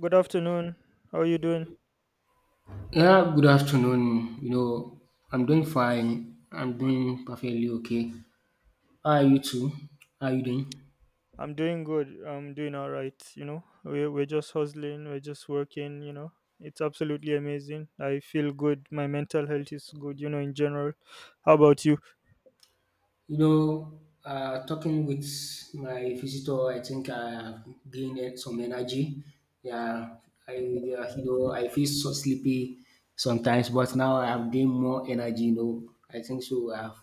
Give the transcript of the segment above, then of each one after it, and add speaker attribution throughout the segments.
Speaker 1: Good afternoon. How are you doing?
Speaker 2: Yeah, good afternoon. I'm doing fine. I'm doing perfectly okay. How are you too? How are you doing?
Speaker 1: I'm doing good. I'm doing all right. You know, we're just hustling, we're just working. You know, it's absolutely amazing. I feel good. My mental health is good, you know, in general. How about you?
Speaker 2: You know, talking with my visitor, I think I have gained it some energy. Yeah, I yeah, I feel so sleepy sometimes, but now I have gained more energy. I think so.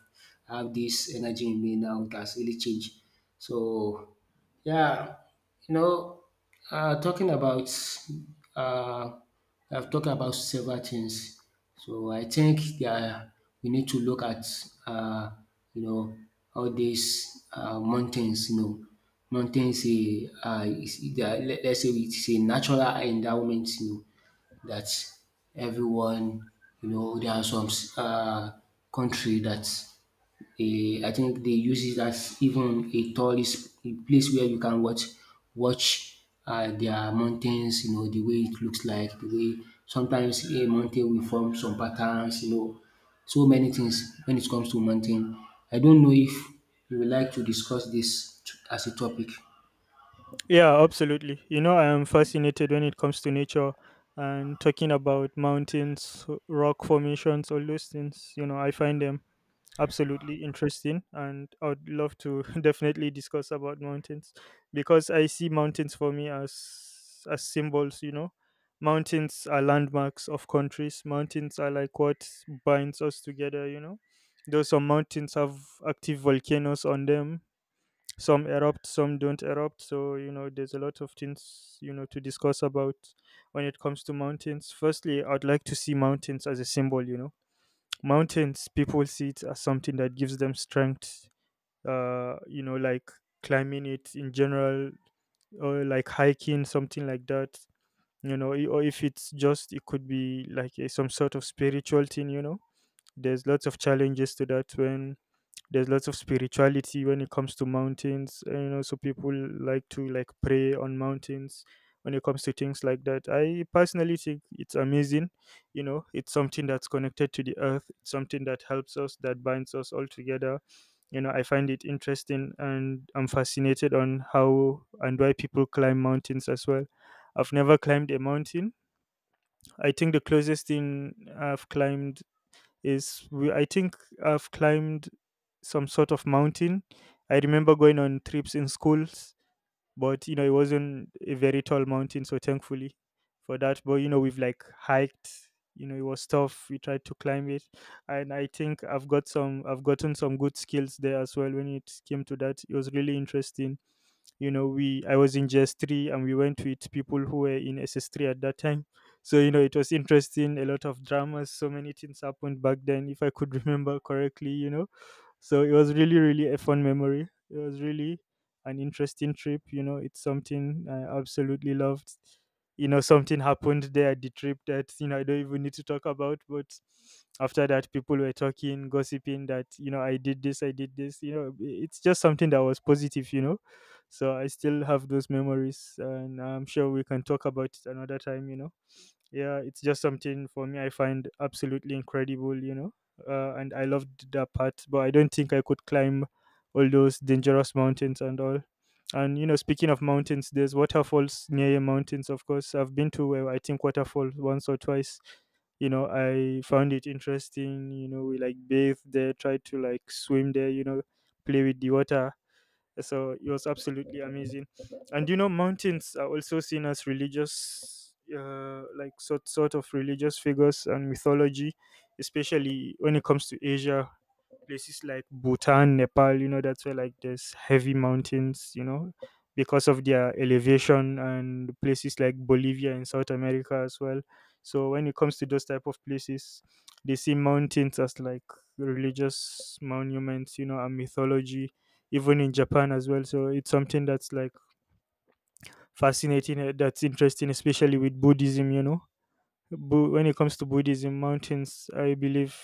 Speaker 2: I have this energy in me now. It has really changed. So yeah, you know, talking about, uh, I've talked about several things. So I think there we need to look at, uh, you know, all these mountains, mountains, let's say it's a natural endowment, that everyone, there are some uh, country that eh, I think they use it as even a tourist a place where you can watch their mountains, the way it looks like, the way sometimes a mountain will form some patterns, so many things when it comes to mountain. I don't know if you would like to discuss as a topic.
Speaker 1: Yeah, absolutely. You know, I am fascinated when it comes to nature and talking about mountains, rock formations, all those things. You know, I find them absolutely interesting, and I would love to definitely discuss about mountains, because I see mountains for me as symbols, you know. Mountains are landmarks of countries. Mountains are like what binds us together, you know. Though some mountains have active volcanoes on them, some erupt, some don't erupt. So you know, there's a lot of things, you know, to discuss about. When it comes to mountains, firstly I'd like to see mountains as a symbol, you know. Mountains, people see it as something that gives them strength, you know, like climbing it in general, or like hiking, something like that, you know, or if it's just, it could be like a, some sort of spiritual thing, you know. There's lots of challenges to that when there's lots of spirituality when it comes to mountains, you know. So people like to like pray on mountains when it comes to things like that. I personally think it's amazing, you know. It's something that's connected to the earth, it's something that helps us, that binds us all together, you know. I find it interesting, and I'm fascinated on how and why people climb mountains as well. I've never climbed a mountain. I think the closest thing I've climbed is I think I've climbed some sort of mountain. I remember going on trips in schools, but you know, it wasn't a very tall mountain, so thankfully for that. But you know, we've like hiked, you know, it was tough, we tried to climb it, and I think I've gotten some good skills there as well when it came to that. It was really interesting, you know. We i was in GS3, and we went with people who were in S 3 at that time. So you know, it was interesting, a lot of dramas, so many things happened back then, if I could remember correctly, you know. So it was really, really a fun memory. It was really an interesting trip. You know, it's something I absolutely loved. You know, something happened there at the trip that, you know, I don't even need to talk about. But after that, people were talking, gossiping that, you know, I did this, I did this. You know, it's just something that was positive, you know. So I still have those memories, and I'm sure we can talk about it another time, you know. Yeah, it's just something for me I find absolutely incredible, you know. And I loved that part. But I don't think I could climb all those dangerous mountains and all. And you know, speaking of mountains, there's waterfalls near your mountains. Of course, I've been to I think waterfall once or twice. You know, I found it interesting. You know, we like bathed there, tried to like swim there. You know, play with the water, so it was absolutely amazing. And you know, mountains are also seen as religious, like sort of religious figures and mythology, especially when it comes to Asia, places like Bhutan, Nepal. You know, that's where like there's heavy mountains, you know, because of their elevation, and places like Bolivia in South America as well. So when it comes to those type of places, they see mountains as like religious monuments, you know, and mythology, even in Japan as well. So it's something that's like fascinating, that's interesting, especially with Buddhism, you know. When it comes to Buddhism, mountains, I believe,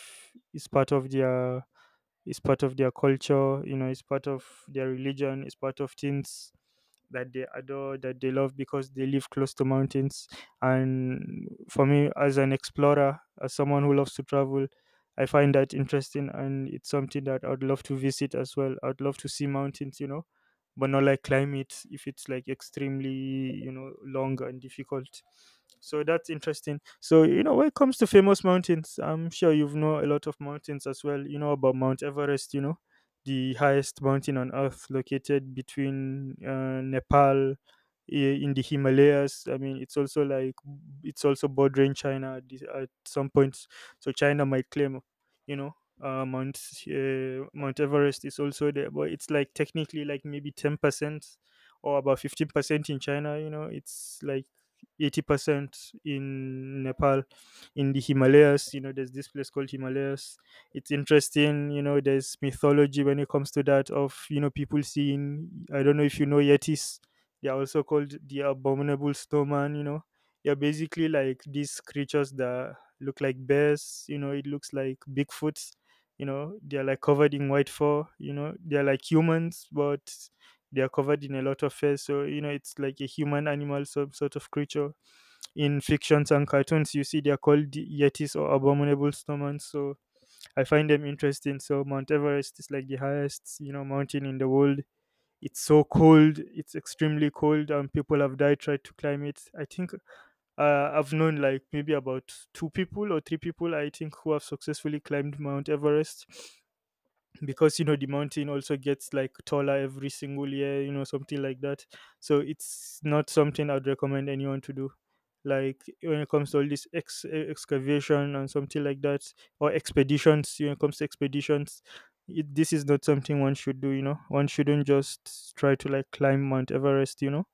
Speaker 1: is part of their it's part of their culture. You know, it's part of their religion, it's part of things that they adore, that they love, because they live close to mountains. And for me, as an explorer, as someone who loves to travel, I find that interesting, and it's something that I'd love to visit as well. I'd love to see mountains, you know, but not like climb it if it's like extremely, you know, long and difficult. So that's interesting. So you know, when it comes to famous mountains, I'm sure you've know a lot of mountains as well. You know about Mount Everest, you know, the highest mountain on earth, located between Nepal in the Himalayas. I mean, it's also like it's also bordering China at at some points. So China might claim, you know, uh, Mount Mount Everest is also there. But it's like technically like maybe 10% or about 15% in China. You know, it's like 80% in Nepal, in the Himalayas. You know, there's this place called Himalayas. It's interesting. You know, there's mythology when it comes to that of, you know, people seeing. I don't know if you know Yetis. They're also called the abominable snowman, you know. They're basically like these creatures that look like bears, you know, it looks like Bigfoots, you know. They're like covered in white fur, you know, they're like humans, but they are covered in a lot of fur. So you know, it's like a human animal, some sort of creature in fictions and cartoons you see. They're called yetis or abominable snowmen. So I find them interesting. So Mount Everest is like the highest, you know, mountain in the world. It's so cold, it's extremely cold, and people have died tried to climb it. I think I've known like maybe about two people or three people I think who have successfully climbed Mount Everest. Because you know, the mountain also gets like taller every single year, you know, something like that. So it's not something I'd recommend anyone to do, like when it comes to all this excavation and something like that, or expeditions. When it comes to expeditions, this is not something one should do. You know, one shouldn't just try to like climb Mount Everest, you know.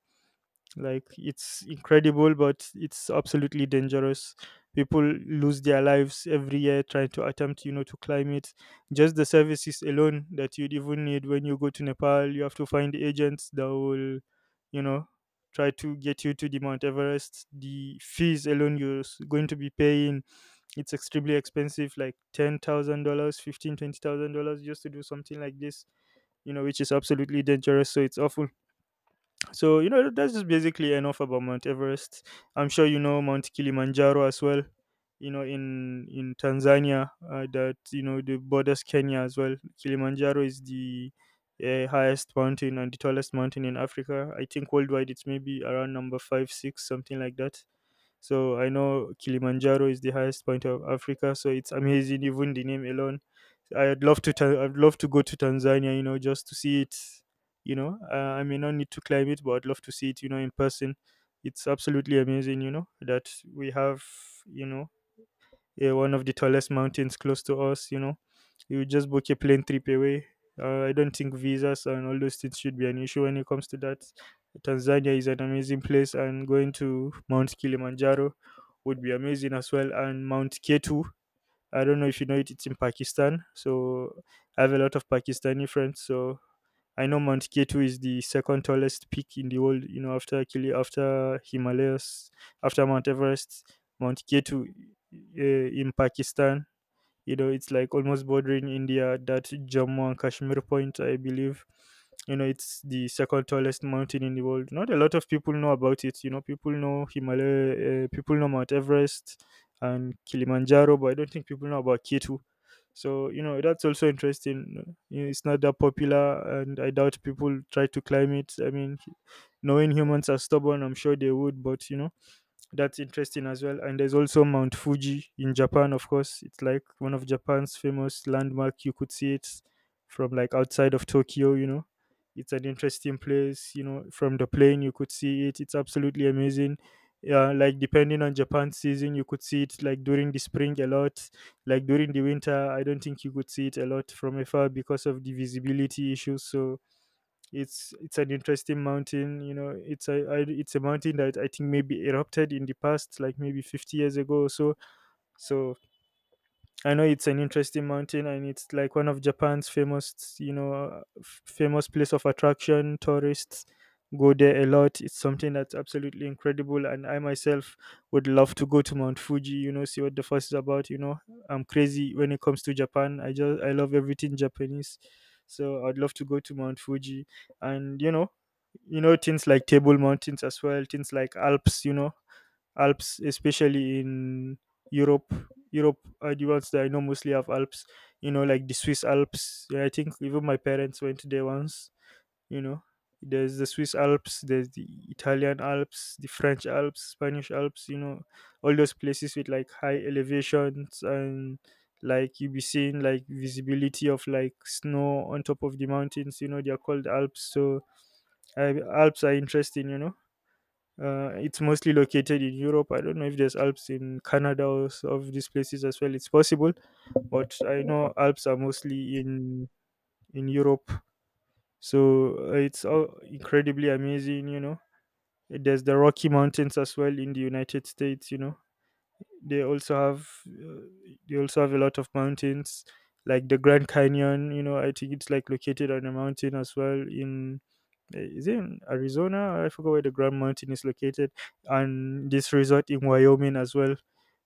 Speaker 1: Like, it's incredible, but it's absolutely dangerous. People lose their lives every year trying to attempt, you know, to climb it. Just the services alone that you'd even need when you go to Nepal, you have to find agents that will, you know, try to get you to the Mount Everest. The fees alone you're going to be paying, it's extremely expensive, like $10,000 15, $20,000 just to do something like this, you know, which is absolutely dangerous. So it's often. So you know, that's just basically enough about Mount Everest. I'm sure you know Mount Kilimanjaro as well. You know, in Tanzania, that you know the borders Kenya as well. Kilimanjaro is the highest mountain and the tallest mountain in Africa. I think worldwide it's maybe around number five, six, something like that. So I know Kilimanjaro is the highest point of Africa, so it's amazing, even the name alone. I'd love to I'd love to go to Tanzania, you know, just to see it. You know, I may not need to climb it, but I'd love to see it, you know, in person. It's absolutely amazing, you know, that we have, you know, yeah, one of the tallest mountains close to us. You know, you just book a plane trip away. I don't think visas and all those things should be an issue when it comes to that. Tanzania is an amazing place, and going to Mount Kilimanjaro would be amazing as well. And Mount Ketu, I don't know if you know it, it's in Pakistan. So I have a lot of Pakistani friends. So I know Mount Ketu is the second tallest peak in the world, you know, after Kili, after Himalayas, after Mount Everest. Mount Ketu uh, in Pakistan, you know, it's like almost bordering India, that Jammu and Kashmir point, I believe. You know, it's the second tallest mountain in the world. Not a lot of people know about it. You know, people know Himalaya, people know Mount Everest and Kilimanjaro, but I don't think people know about K2. So you know, that's also interesting. You know, it's not that popular, and I doubt people try to climb it. I mean, knowing humans are stubborn, I'm sure they would. But you know, that's interesting as well. And there's also Mount Fuji in Japan, of course. It's like one of Japan's famous landmark. You could see it from like outside of Tokyo, you know. It's an interesting place, you know, from the plane you could see it. It's absolutely amazing. Yeah, like depending on Japan's season, you could see it like during the spring a lot. Like during the winter, I don't think you could see it a lot from afar because of the visibility issues. So it's an interesting mountain, you know, it's it's a mountain that I think maybe erupted in the past like maybe 50 years ago or so, so I know it's an interesting mountain, and it's like one of Japan's famous, famous place of attraction. Tourists go there a lot. It's something that's absolutely incredible, and I myself would love to go to Mount Fuji. You know, see what the fuss is about. You know, I'm crazy when it comes to Japan. I just I love everything Japanese, so I'd love to go to Mount Fuji, and you know things like Table Mountains as well, things like Alps. You know, Alps, especially in Europe Europe are the ones that I know mostly have Alps, you know, like the Swiss Alps. Yeah, I think even my parents went there once, you know. There's the Swiss Alps, there's the Italian Alps, the French Alps, Spanish Alps, you know, all those places with like high elevations and like you'll be seeing like visibility of like snow on top of the mountains, you know, they are called Alps. So Alps are interesting, you know. It's mostly located in Europe. I don't know if there's Alps in Canada of these places as well. It's possible, but I know Alps are mostly in Europe, so it's all incredibly amazing. You know, there's the Rocky Mountains as well in the United States. You know, they also have a lot of mountains like the Grand Canyon. You know, I think it's like located on a mountain as well in is it in Arizona? I forgot where the Grand Mountain is located, and this resort in Wyoming as well.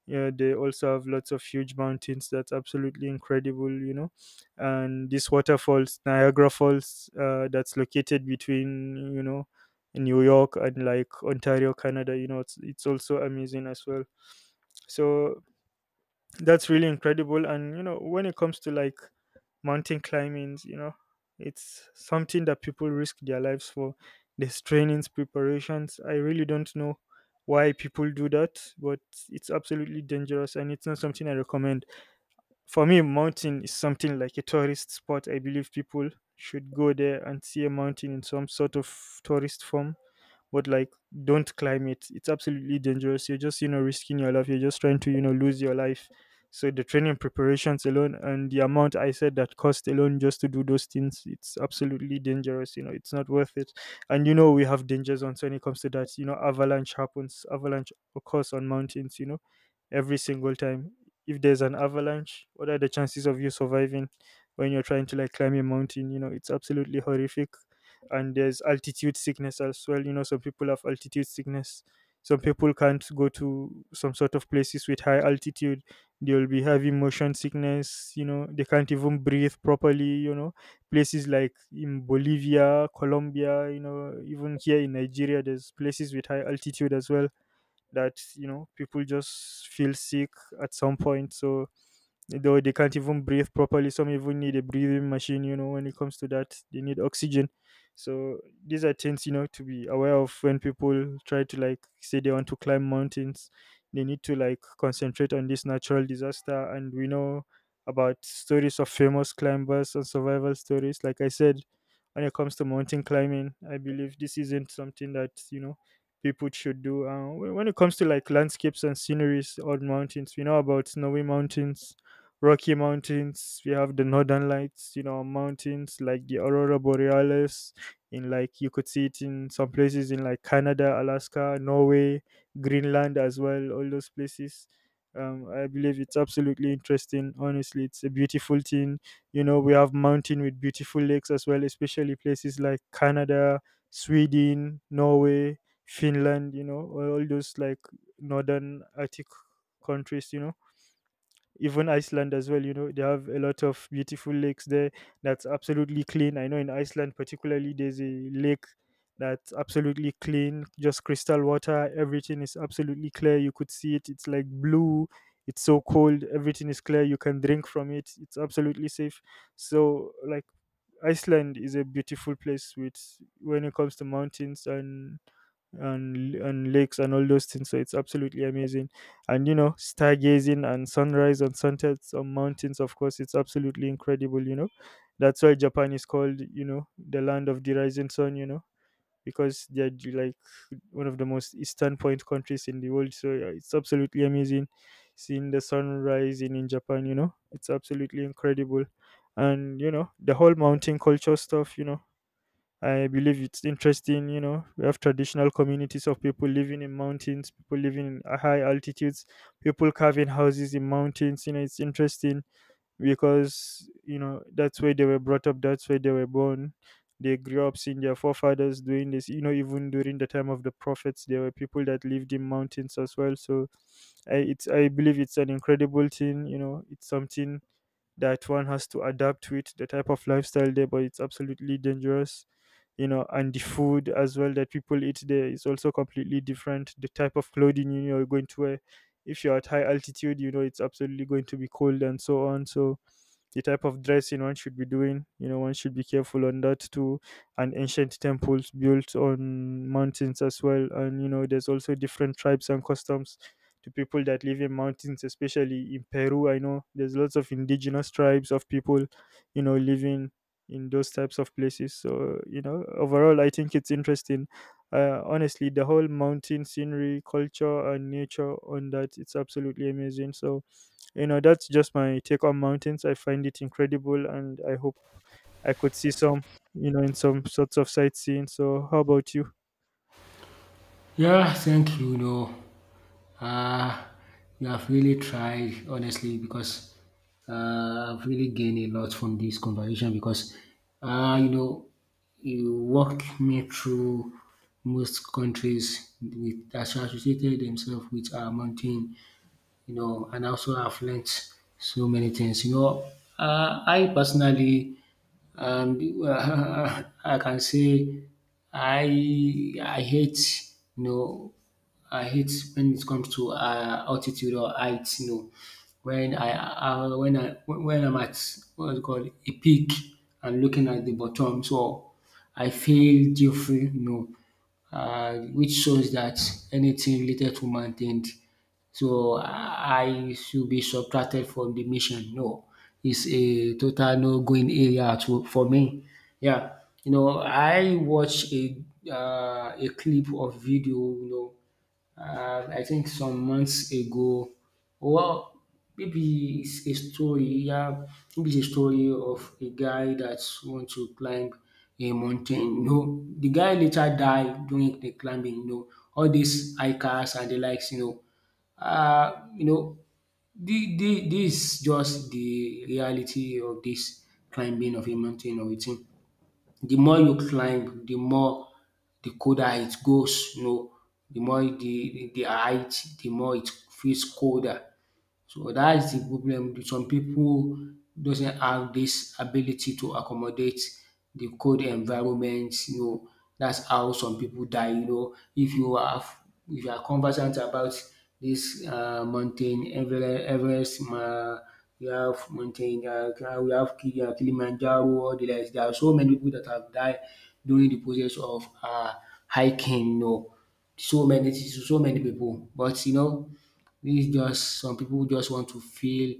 Speaker 1: Yeah, they also have lots of huge mountains that's absolutely incredible, you know. And these waterfalls, Niagara Falls, that's located between, you know, New York and like Ontario, Canada, you know, it's also amazing as well. So that's really incredible. And you know, when it comes to like mountain climbing, you know, it's something that people risk their lives for. There's trainings, preparations. I really don't know why people do that, but it's absolutely dangerous and it's not something I recommend. For me, mountain is something like a tourist spot. I believe people should go there and see a mountain in some sort of tourist form, but like don't climb it. It's absolutely dangerous. You're just, you know, risking your life. You're just trying to, you know, lose your life. So the training preparations alone and the amount I said that cost alone just to do those things, it's absolutely dangerous. You know, it's not worth it. And you know, we have danger zones when it comes to that. You know, avalanche happens. Avalanche occurs on mountains, you know, every single time. If there's an avalanche, what are the chances of you surviving when you're trying to like climb a mountain? You know, it's absolutely horrific. And there's altitude sickness as well. You know, some people have altitude sickness, some people can't go to some sort of places with high altitude. They'll be having motion sickness. You know, they can't even breathe properly. You know, places like in Bolivia, Colombia, you know, even here in Nigeria, there's places with high altitude as well that, you know, people just feel sick at some point. So though they can't even breathe properly. Some even need a breathing machine, you know, when it comes to that, they need oxygen. So these are things, you know, to be aware of when people try to like say they want to climb mountains. They need to like concentrate on this natural disaster. And we know about stories of famous climbers and survival stories. Like I said, when it comes to mountain climbing, I believe this isn't something that, you know, people should do. When it comes to like landscapes and sceneries on mountains, we know about snowy mountains, Rocky Mountains. We have the Northern Lights, you know, mountains like the Aurora Borealis. In like you could see it in some places in like Canada, Alaska, Norway, Greenland as well. All those places. I believe it's absolutely interesting. Honestly, it's a beautiful thing. You know, we have mountain with beautiful lakes as well, especially places like Canada, Sweden, Norway, Finland. You know, all those like northern Arctic countries. You know, even Iceland as well. You know, they have a lot of beautiful lakes there that's absolutely clean. I know in Iceland, particularly, there's a lake that's absolutely clean, just crystal water. Everything is absolutely clear. You could see it. It's like blue. It's so cold. Everything is clear. You can drink from it. It's absolutely safe. So, like, Iceland is a beautiful place with when it comes to mountains and and lakes and all those things. So it's absolutely amazing. And you know, stargazing and sunrise and sunsets on mountains, of course, it's absolutely incredible, you know. That's why Japan is called, you know, the land of the rising sun, you know, because they're the, like one of the most eastern point countries in the world. So yeah, it's absolutely amazing seeing the sun rising in Japan, you know. It's absolutely incredible. And you know, the whole mountain culture stuff, you know, I believe it's interesting, you know. We have traditional communities of people living in mountains, people living in high altitudes, people carving houses in mountains. You know, it's interesting because, you know, that's where they were brought up, that's where they were born. They grew up seeing their forefathers doing this. You know, even during the time of the prophets, there were people that lived in mountains as well. So I believe it's an incredible thing, you know, it's something that one has to adapt with the type of lifestyle there, but it's absolutely dangerous. You know, and the food as well that people eat there is also completely different. The type of clothing you know, you're going to wear. If you're at high altitude, you know it's absolutely going to be cold and so on. So the type of dressing one should be doing. You know, one should be careful on that too. And ancient temples built on mountains as well. And, you know, there's also different tribes and customs to people that live in mountains, especially in Peru. I know there's lots of indigenous tribes of people, you know, living in those types of places. So, you know, overall, I think it's interesting. Honestly, the whole mountain scenery, culture, and nature on that, it's absolutely amazing. So, you know, that's just my take on mountains. I find it incredible, and I hope I could see some, you know, in some sorts of sightseeing. So, how about you?
Speaker 2: Yeah, thank you. No, uh, you have really tried, honestly, because I've really gained a lot from this conversation because, uh, you know, you walk me through most countries with associated themselves with our mountain, and also I've learnt so many things. You know, I personally, um, I can say I hate, you know I hate when it comes to altitude or height. You know, when I when I'm at what's it called, a peak, and looking at the bottom, so I feel different. You know, which shows that anything related to mountain, so I should be subtracted from the mission. No, it's a total no going area to for me. Yeah, you know, I watch a clip of video, you know, I think some months ago, well, maybe it's a story, yeah, maybe it's a story of a guy that want to climb a mountain. No, the guy later died during the climbing. You know, all these hikers and the likes, you know. Uh, you know the this just the reality of this climbing of a mountain or a thing. The more you climb, the more the colder it goes, you know, the more the height, the more it feels colder. So that is the problem. Some people doesn't have this ability to accommodate the cold environment. You know, that's how some people die. You know, if you are conversant about this mountain Everest, we have mountain, Kilimanjaro, all the rest. There are so many people that have died during the process of hiking, you know. So many people. But you know this is just some people just want to feel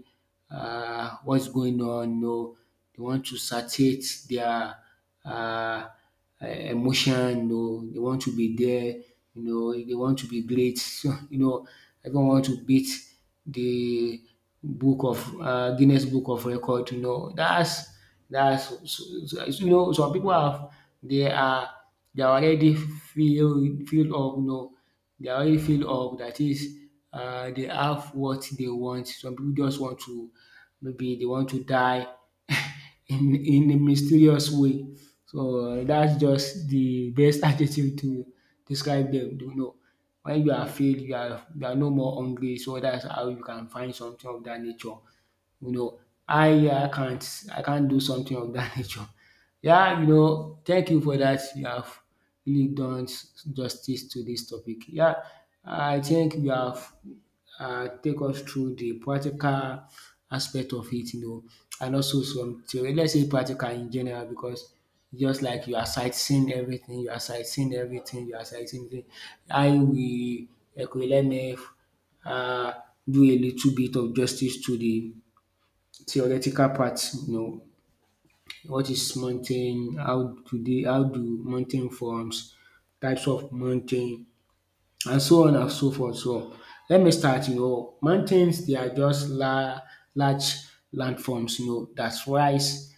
Speaker 2: what's going on. No, they want to satiate their um emotion. No, they want to be there, you know, they want to be great. So you know, everyone want to beat the book of Guinness Book of Record, you know. Dats That's so, so you know some people have they are they are already filled up, you know, they are already filled up. That is, they have what they want. Some people just want to, maybe they want to die in a mysterious way. So that's just the best attitude to describe them, you know. When you are filled, you are no more hungry, so that's how you can find something of that nature. You know, I can't do something of that nature. Yeah, you know, thank you for that. You have really done justice to this topic. Yeah, I think you have take us through the practical aspect of it, you know, and also some theory. Let's say practical in general because just like you are sightseeing everything, you are sightseeing everything, you are sightseeing everything. I will, okay, let me uh, do a little bit of justice to the theoretical part, you know, what is mountain, how do mountain forms, types of mountain and so on and so forth. So let me start, you know, mountains they are just la large landforms, you know, that rise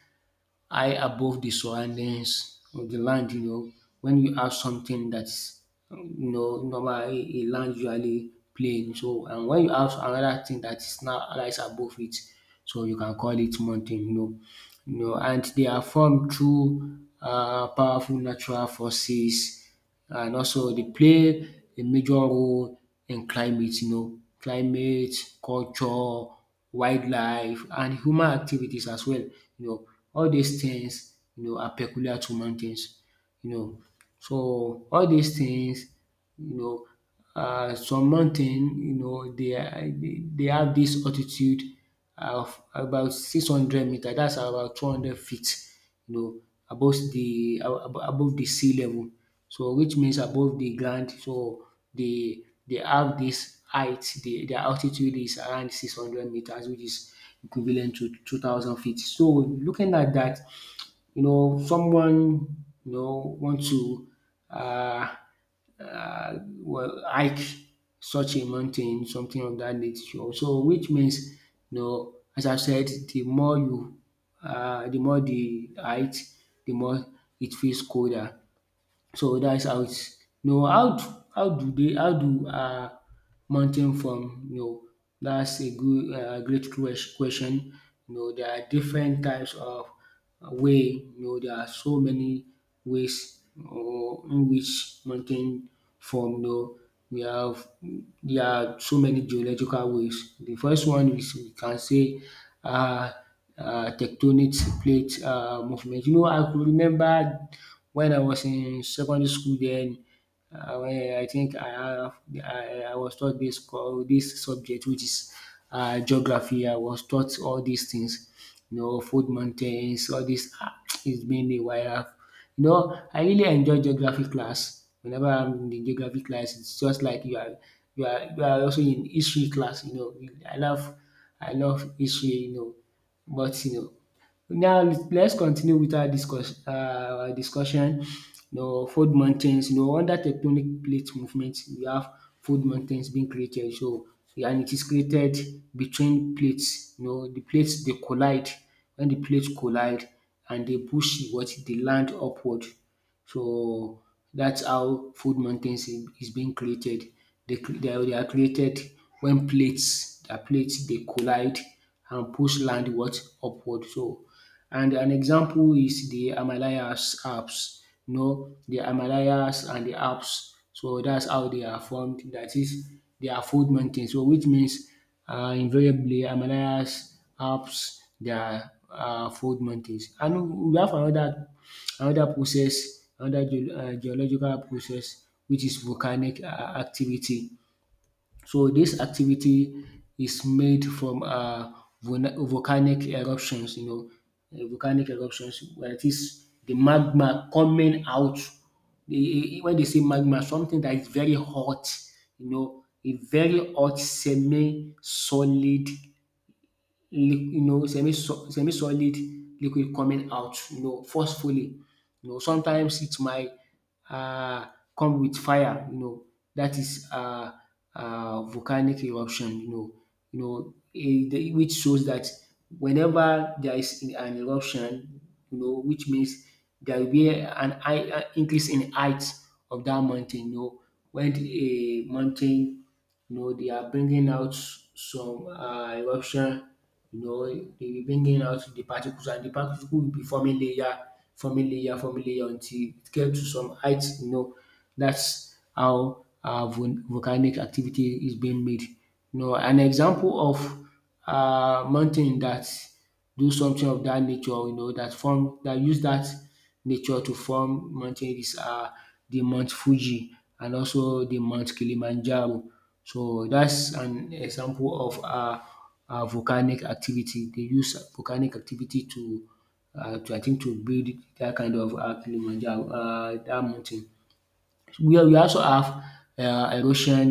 Speaker 2: high above the surroundings of the land, you know. When you have something that's, you know, normal, a land usually plain. So and when you have another thing that is now rise above it, so you can call it mountain, you know. You know, and they are formed through powerful natural forces, and also dey play a major role in climate, you know, climate, culture, wildlife and human activities as well, you know. All dis things you know are peculiar to mountains, you know. So all these things, you know some mountain, you know, they have this altitude of about 600 meter. That's about 200 feet, you know, above de above the sea level. So which means above the ground, so dey they have this height. Their altitude is around 600 meters, which is equivalent to 2,000 feet. So looking at that, you know, someone, you know, want to uh, well, hike such a mountain, something of that nature. So, which means, you know, as I said, the more the height, the more it feels colder. So that's how it's. Know how d- how do they How do mountain form, you know? That's a good great question. You know there are different types of way, you know, there are so many ways or in which mountain form, you know. We have There are so many geological ways. The first one is we can say um tectonic plate movement. You know I could remember when I was in secondary school then, when I think I have I was taught this, dis this subject which is geography. I was taught all these things, you know, food mountains, all this. It's been a while. I've- You know I really enjoy geography class. Whenever I'm in the geography class it's just like you are also in history class, you know. I love I love history, you know, but you know now let's continue with our discussion. You know food mountains, you know, under tectonic plate movement we have food mountains being created. So and it is created between plates, you know, the plates they collide. When the plates collide and they push what the land upward. So that's how food mountains is being created. They are created when plates they collide and push land what upward. So and an example is the Himalayas Alps. You know the Himalayas and the Alps. So that's how they are formed. That is, they are food mountains. So which means invariably Himalayas helps their fold mountains. And we have another, another process, another geological process which is volcanic activity. So this activity is made from volcanic eruptions, you know, volcanic eruptions where it is the magma coming out. When they say magma, something that is very hot, you know, a very hot semi-solid, semi-solid liquid coming out, you know, forcefully. You know sometimes it might um come with fire, you know, that is is um volcanic eruption, you know. Which shows that whenever there is an eruption, you know, which means there will be an high increase in height of that mountain, you know. When a mountain, you know, they are bringing out some eruption, you know, they will bring in out the particles and the particles will be forming layer, forming layer, forming layer until it gets to some height. You know, that's how volcanic activity is being made. You know, an example of mountain that do something of that nature, you know, that form that use that nature to form mountains are the Mount Fuji and also the Mount Kilimanjaro. So that's an example of volcanic activity. They use volcanic activity to I think to build that kind of Kilimanjaro that mountain. We also have erosion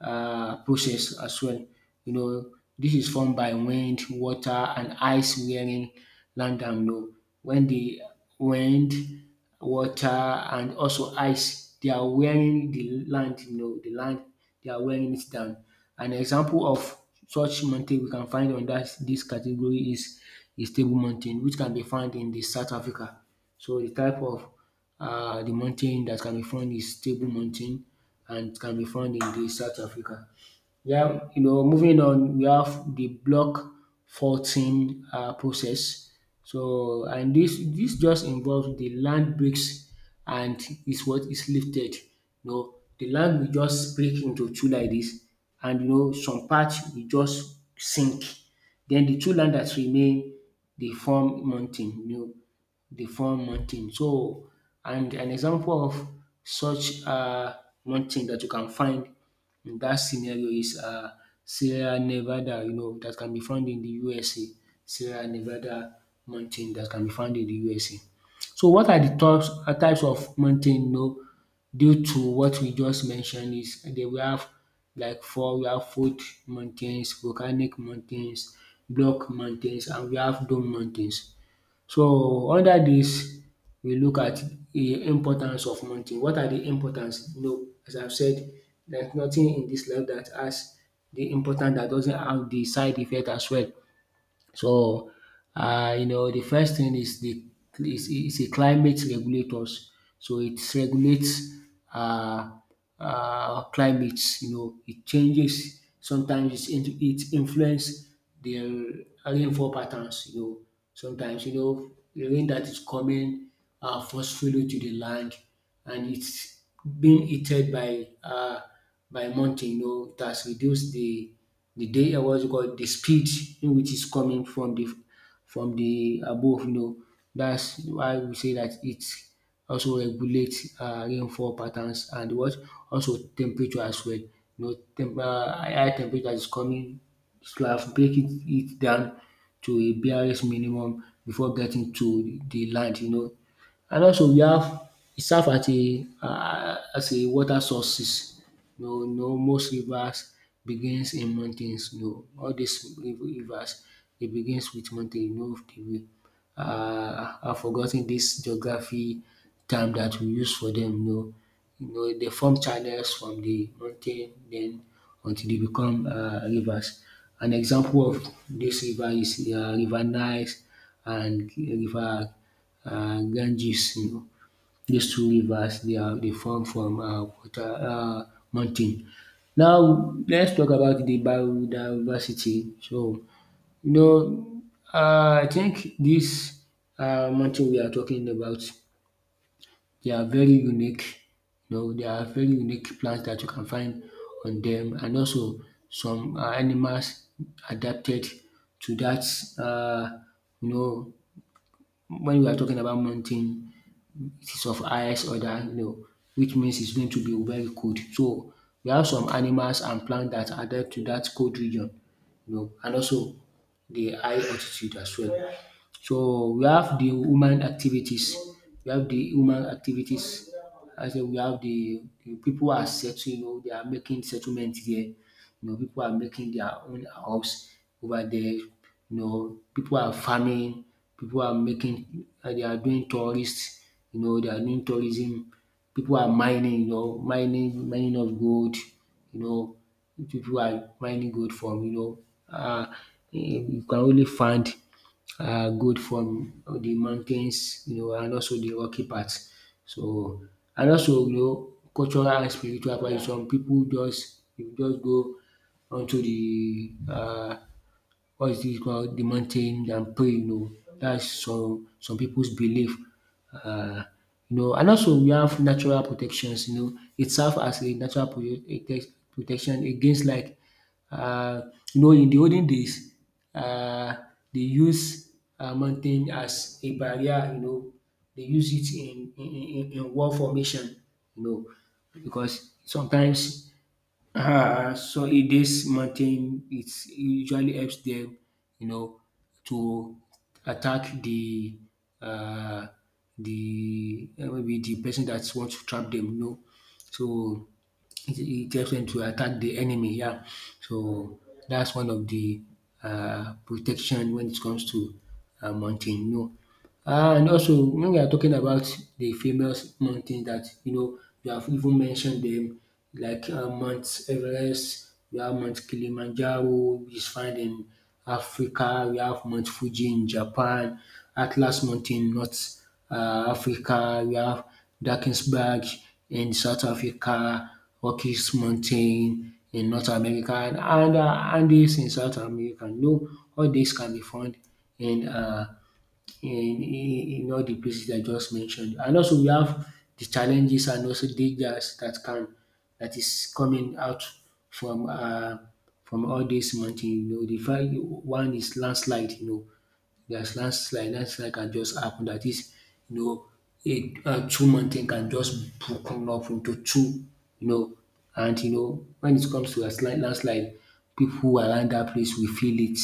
Speaker 2: process as well. You know this is formed by wind, water and ice wearing land down low. When the wind, water and also ice they are wearing the land, you know, the land, they are wearing it down. An example of such mountain we can find on that this category is Table Mountain which can be found in the South Africa. So the type of the mountain that can be found is Table Mountain, and it can be found in the South Africa. Yeah, you know, moving on, we have the block 14 process. And this just involves the land breaks and is what is lifted. You know, the land will just break into two like this, and you know, some parts will just sink. Then the two land that remain, they form mountain. You know, they form mountain. So, and an example of such mountain that you can find. That scenario is Sierra Nevada, you know, that can be found in the USA. Sierra Nevada mountain that can be found in the USA. So what are the types types of mountain, you know, due to what we just mentioned is then we have like four. We have foot mountains, volcanic mountains, block mountains, and we have dome mountains. So under this, we look at the importance of money. What are the importance? You know, as I have said, there's nothing in this life that has the importance that doesn't have the side effect as well. So, you know, the first thing is the is a climate regulators. So it regulates uh climate, you know, it changes sometimes, it influence the rainfall patterns, you know, sometimes you know the rain that is coming forcefully to the land, and it's being heated by mountain. You know, it has reduced the day what's it called, the speed in which it's coming from the above. You know, that's why we say that it also regulates rainfall patterns and what also temperature as well. You know, high temperature is coming to have break it, it down to a barest minimum before getting to the land. You know, and also we have e serve as a water sources, you know, you know most rivers begins in mountains, you know all dis rivers dey begins with mountain, you know the way. I forgot ten dis geography term dat we use for dem, you know. You know, they form channels from the mountain then until they become rivers. An example of this river is river Nile and river Ganges, you know. These two rivers they are they form from water mountain. Now let's talk about the biodiversity. So you know I think this mountain we are talking about, they are very unique, you know, there are very unique plants that you can find on them and also some animals adapted to that. um you know, when we are talking about mountain, it is of highest order, you know, which means it's going to be very cold. So we have some animals and plants that adapt to that cold region, you know, and also the high altitude as well. So we have the human activities. We have the human activities. I say we have the people are settling, you know, they are making settlement here. You know, people are making their own house over there. You know, people are farming. People are making. They are doing tourists. You know, they are doing tourism. People are mining. You know, mining mining of gold. You know, people are mining gold from. You know, uh, you can only find good from the mountains, you know, and also the rocky part. So, and also you know cultural and spiritual practice, some pipu just dey just go unto the what is this called, the mountain, and praying oh. That's some people's belief, um you know. And also we have natural protections, you know, it serves as a natural protection against like you know in the olden days um they use mountain as a barrier, you know, they use it in war formation, you know, because sometimes Ah, so in this mountain it usually helps them, you know, to attack uh, the maybe the person that wants to trap them. You know, so it helps them to attack the enemy, yeah. So that's one of the protection when it comes to mountain, No, know. And also when we are talking about the famous mountains that you know you have even mentioned them, like Mount Everest, we have Mount Kilimanjaro, which is found in Africa, we have Mount Fuji in Japan, Atlas Mountain in North Africa, we have Drakensberg in South Africa, Rockies Mountain in North America, and Andes in South America. You, all these can be found in uh in all the places I just mentioned. And also we have the challenges and also dangers that can that is coming out from uh from all these mountain. You know the first one is landslide, you know, there's landslide, landslide can just happen. That is, you know, a two mountain can just broken up into two, you know, and you know when it comes to a slight landslide, pipu around that place will feel it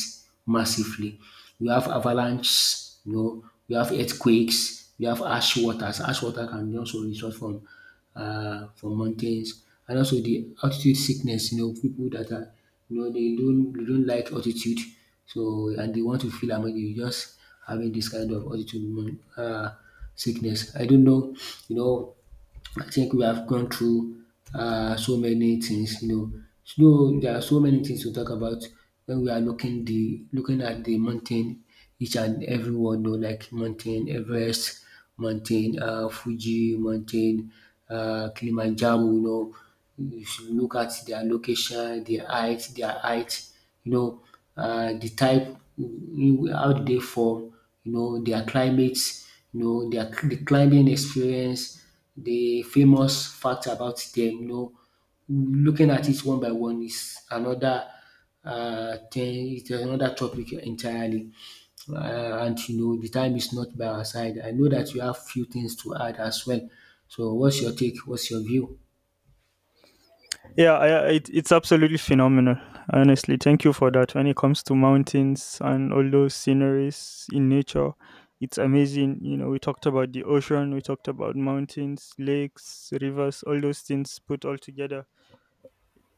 Speaker 2: massively. We have avalanches, you know, we have earthquakes, we have ash waters. Ash water can also result from for mountains, and also the altitude sickness, you know, people that are, you know, they don't like altitude, so, and they want to feel am, you just having this kind of altitude sickness. I don't know, you know, I think we have gone through so many things, you know. So there are so many things to talk about when we are looking at the mountain, each and every one, you know, like mountain Everest, mountain Fuji, mountain Kilimanjaro, you know. You should look at their location, their height, you know, the type, how did they form, you know, their climates, you know, the climbing experience, the famous fact about them, you know, looking at it one by one is another thing, it's another topic entirely. And you know, the time is not by our side. I know that you have few things to add as well. So, what's your take? What's your view?
Speaker 1: It's absolutely phenomenal. Honestly, thank you for that. When it comes to mountains and all those sceneries in nature, it's amazing. You know, we talked about the ocean, we talked about mountains, lakes, rivers, all those things put all together.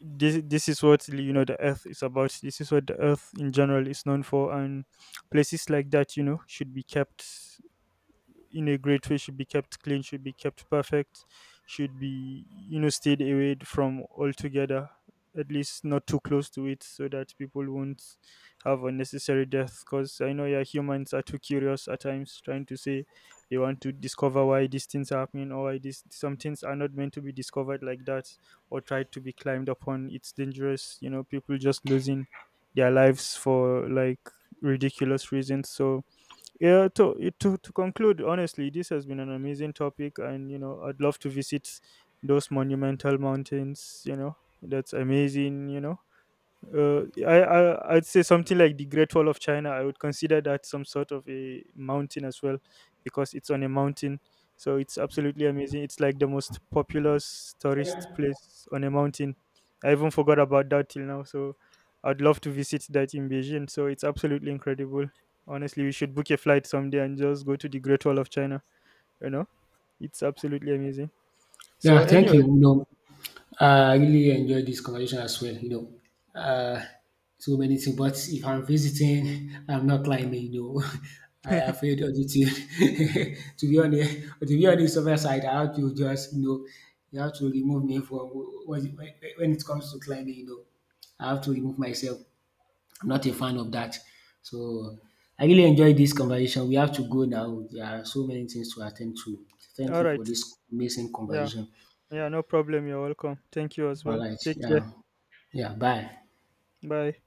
Speaker 1: This is what, you know, the earth is about. This is what the earth in general is known for, and places like that, you know, should be kept in a great way, should be kept clean, should be kept perfect, should be, you know, stayed away from altogether, at least not too close to it so that people won't have unnecessary death. Because I know, yeah, humans are too curious at times, trying to say they want to discover why these things are happening or why these, some things are not meant to be discovered like that or tried to be climbed upon. It's dangerous, you know, people just losing their lives for like ridiculous reasons. So, to conclude, honestly, this has been an amazing topic, and you know, I'd love to visit those monumental mountains, you know. That's amazing, you know. I'd say something like the Great Wall of China. I would consider that some sort of a mountain as well, because it's on a mountain. So it's absolutely amazing. It's like the most populous tourist place on a mountain. I even forgot about that till now. So I'd love to visit that in Beijing. So it's absolutely incredible. Honestly, we should book a flight someday and just go to the Great Wall of China. You know, it's absolutely amazing. So
Speaker 2: Yeah, thank
Speaker 1: anyway,
Speaker 2: you. You know, I really enjoyed this conversation as well, you know. So many things, but if I'm visiting, I'm not climbing, you know. I afraid of the thing. To be honest, to be honest, on my side, I have to just, you know, you have to remove me from when when it comes to climbing, you know. I have to remove myself. I'm not a fan of that. So I really enjoyed this conversation. We have to go now. There are so many things to attend to. Thank
Speaker 1: all
Speaker 2: you
Speaker 1: right,
Speaker 2: for this amazing
Speaker 1: yeah,
Speaker 2: conversation.
Speaker 1: yeah, no problem. You're welcome. Thank you as
Speaker 2: All
Speaker 1: well.
Speaker 2: right.
Speaker 1: Take care.
Speaker 2: Yeah. Yeah. Bye.
Speaker 1: Bye.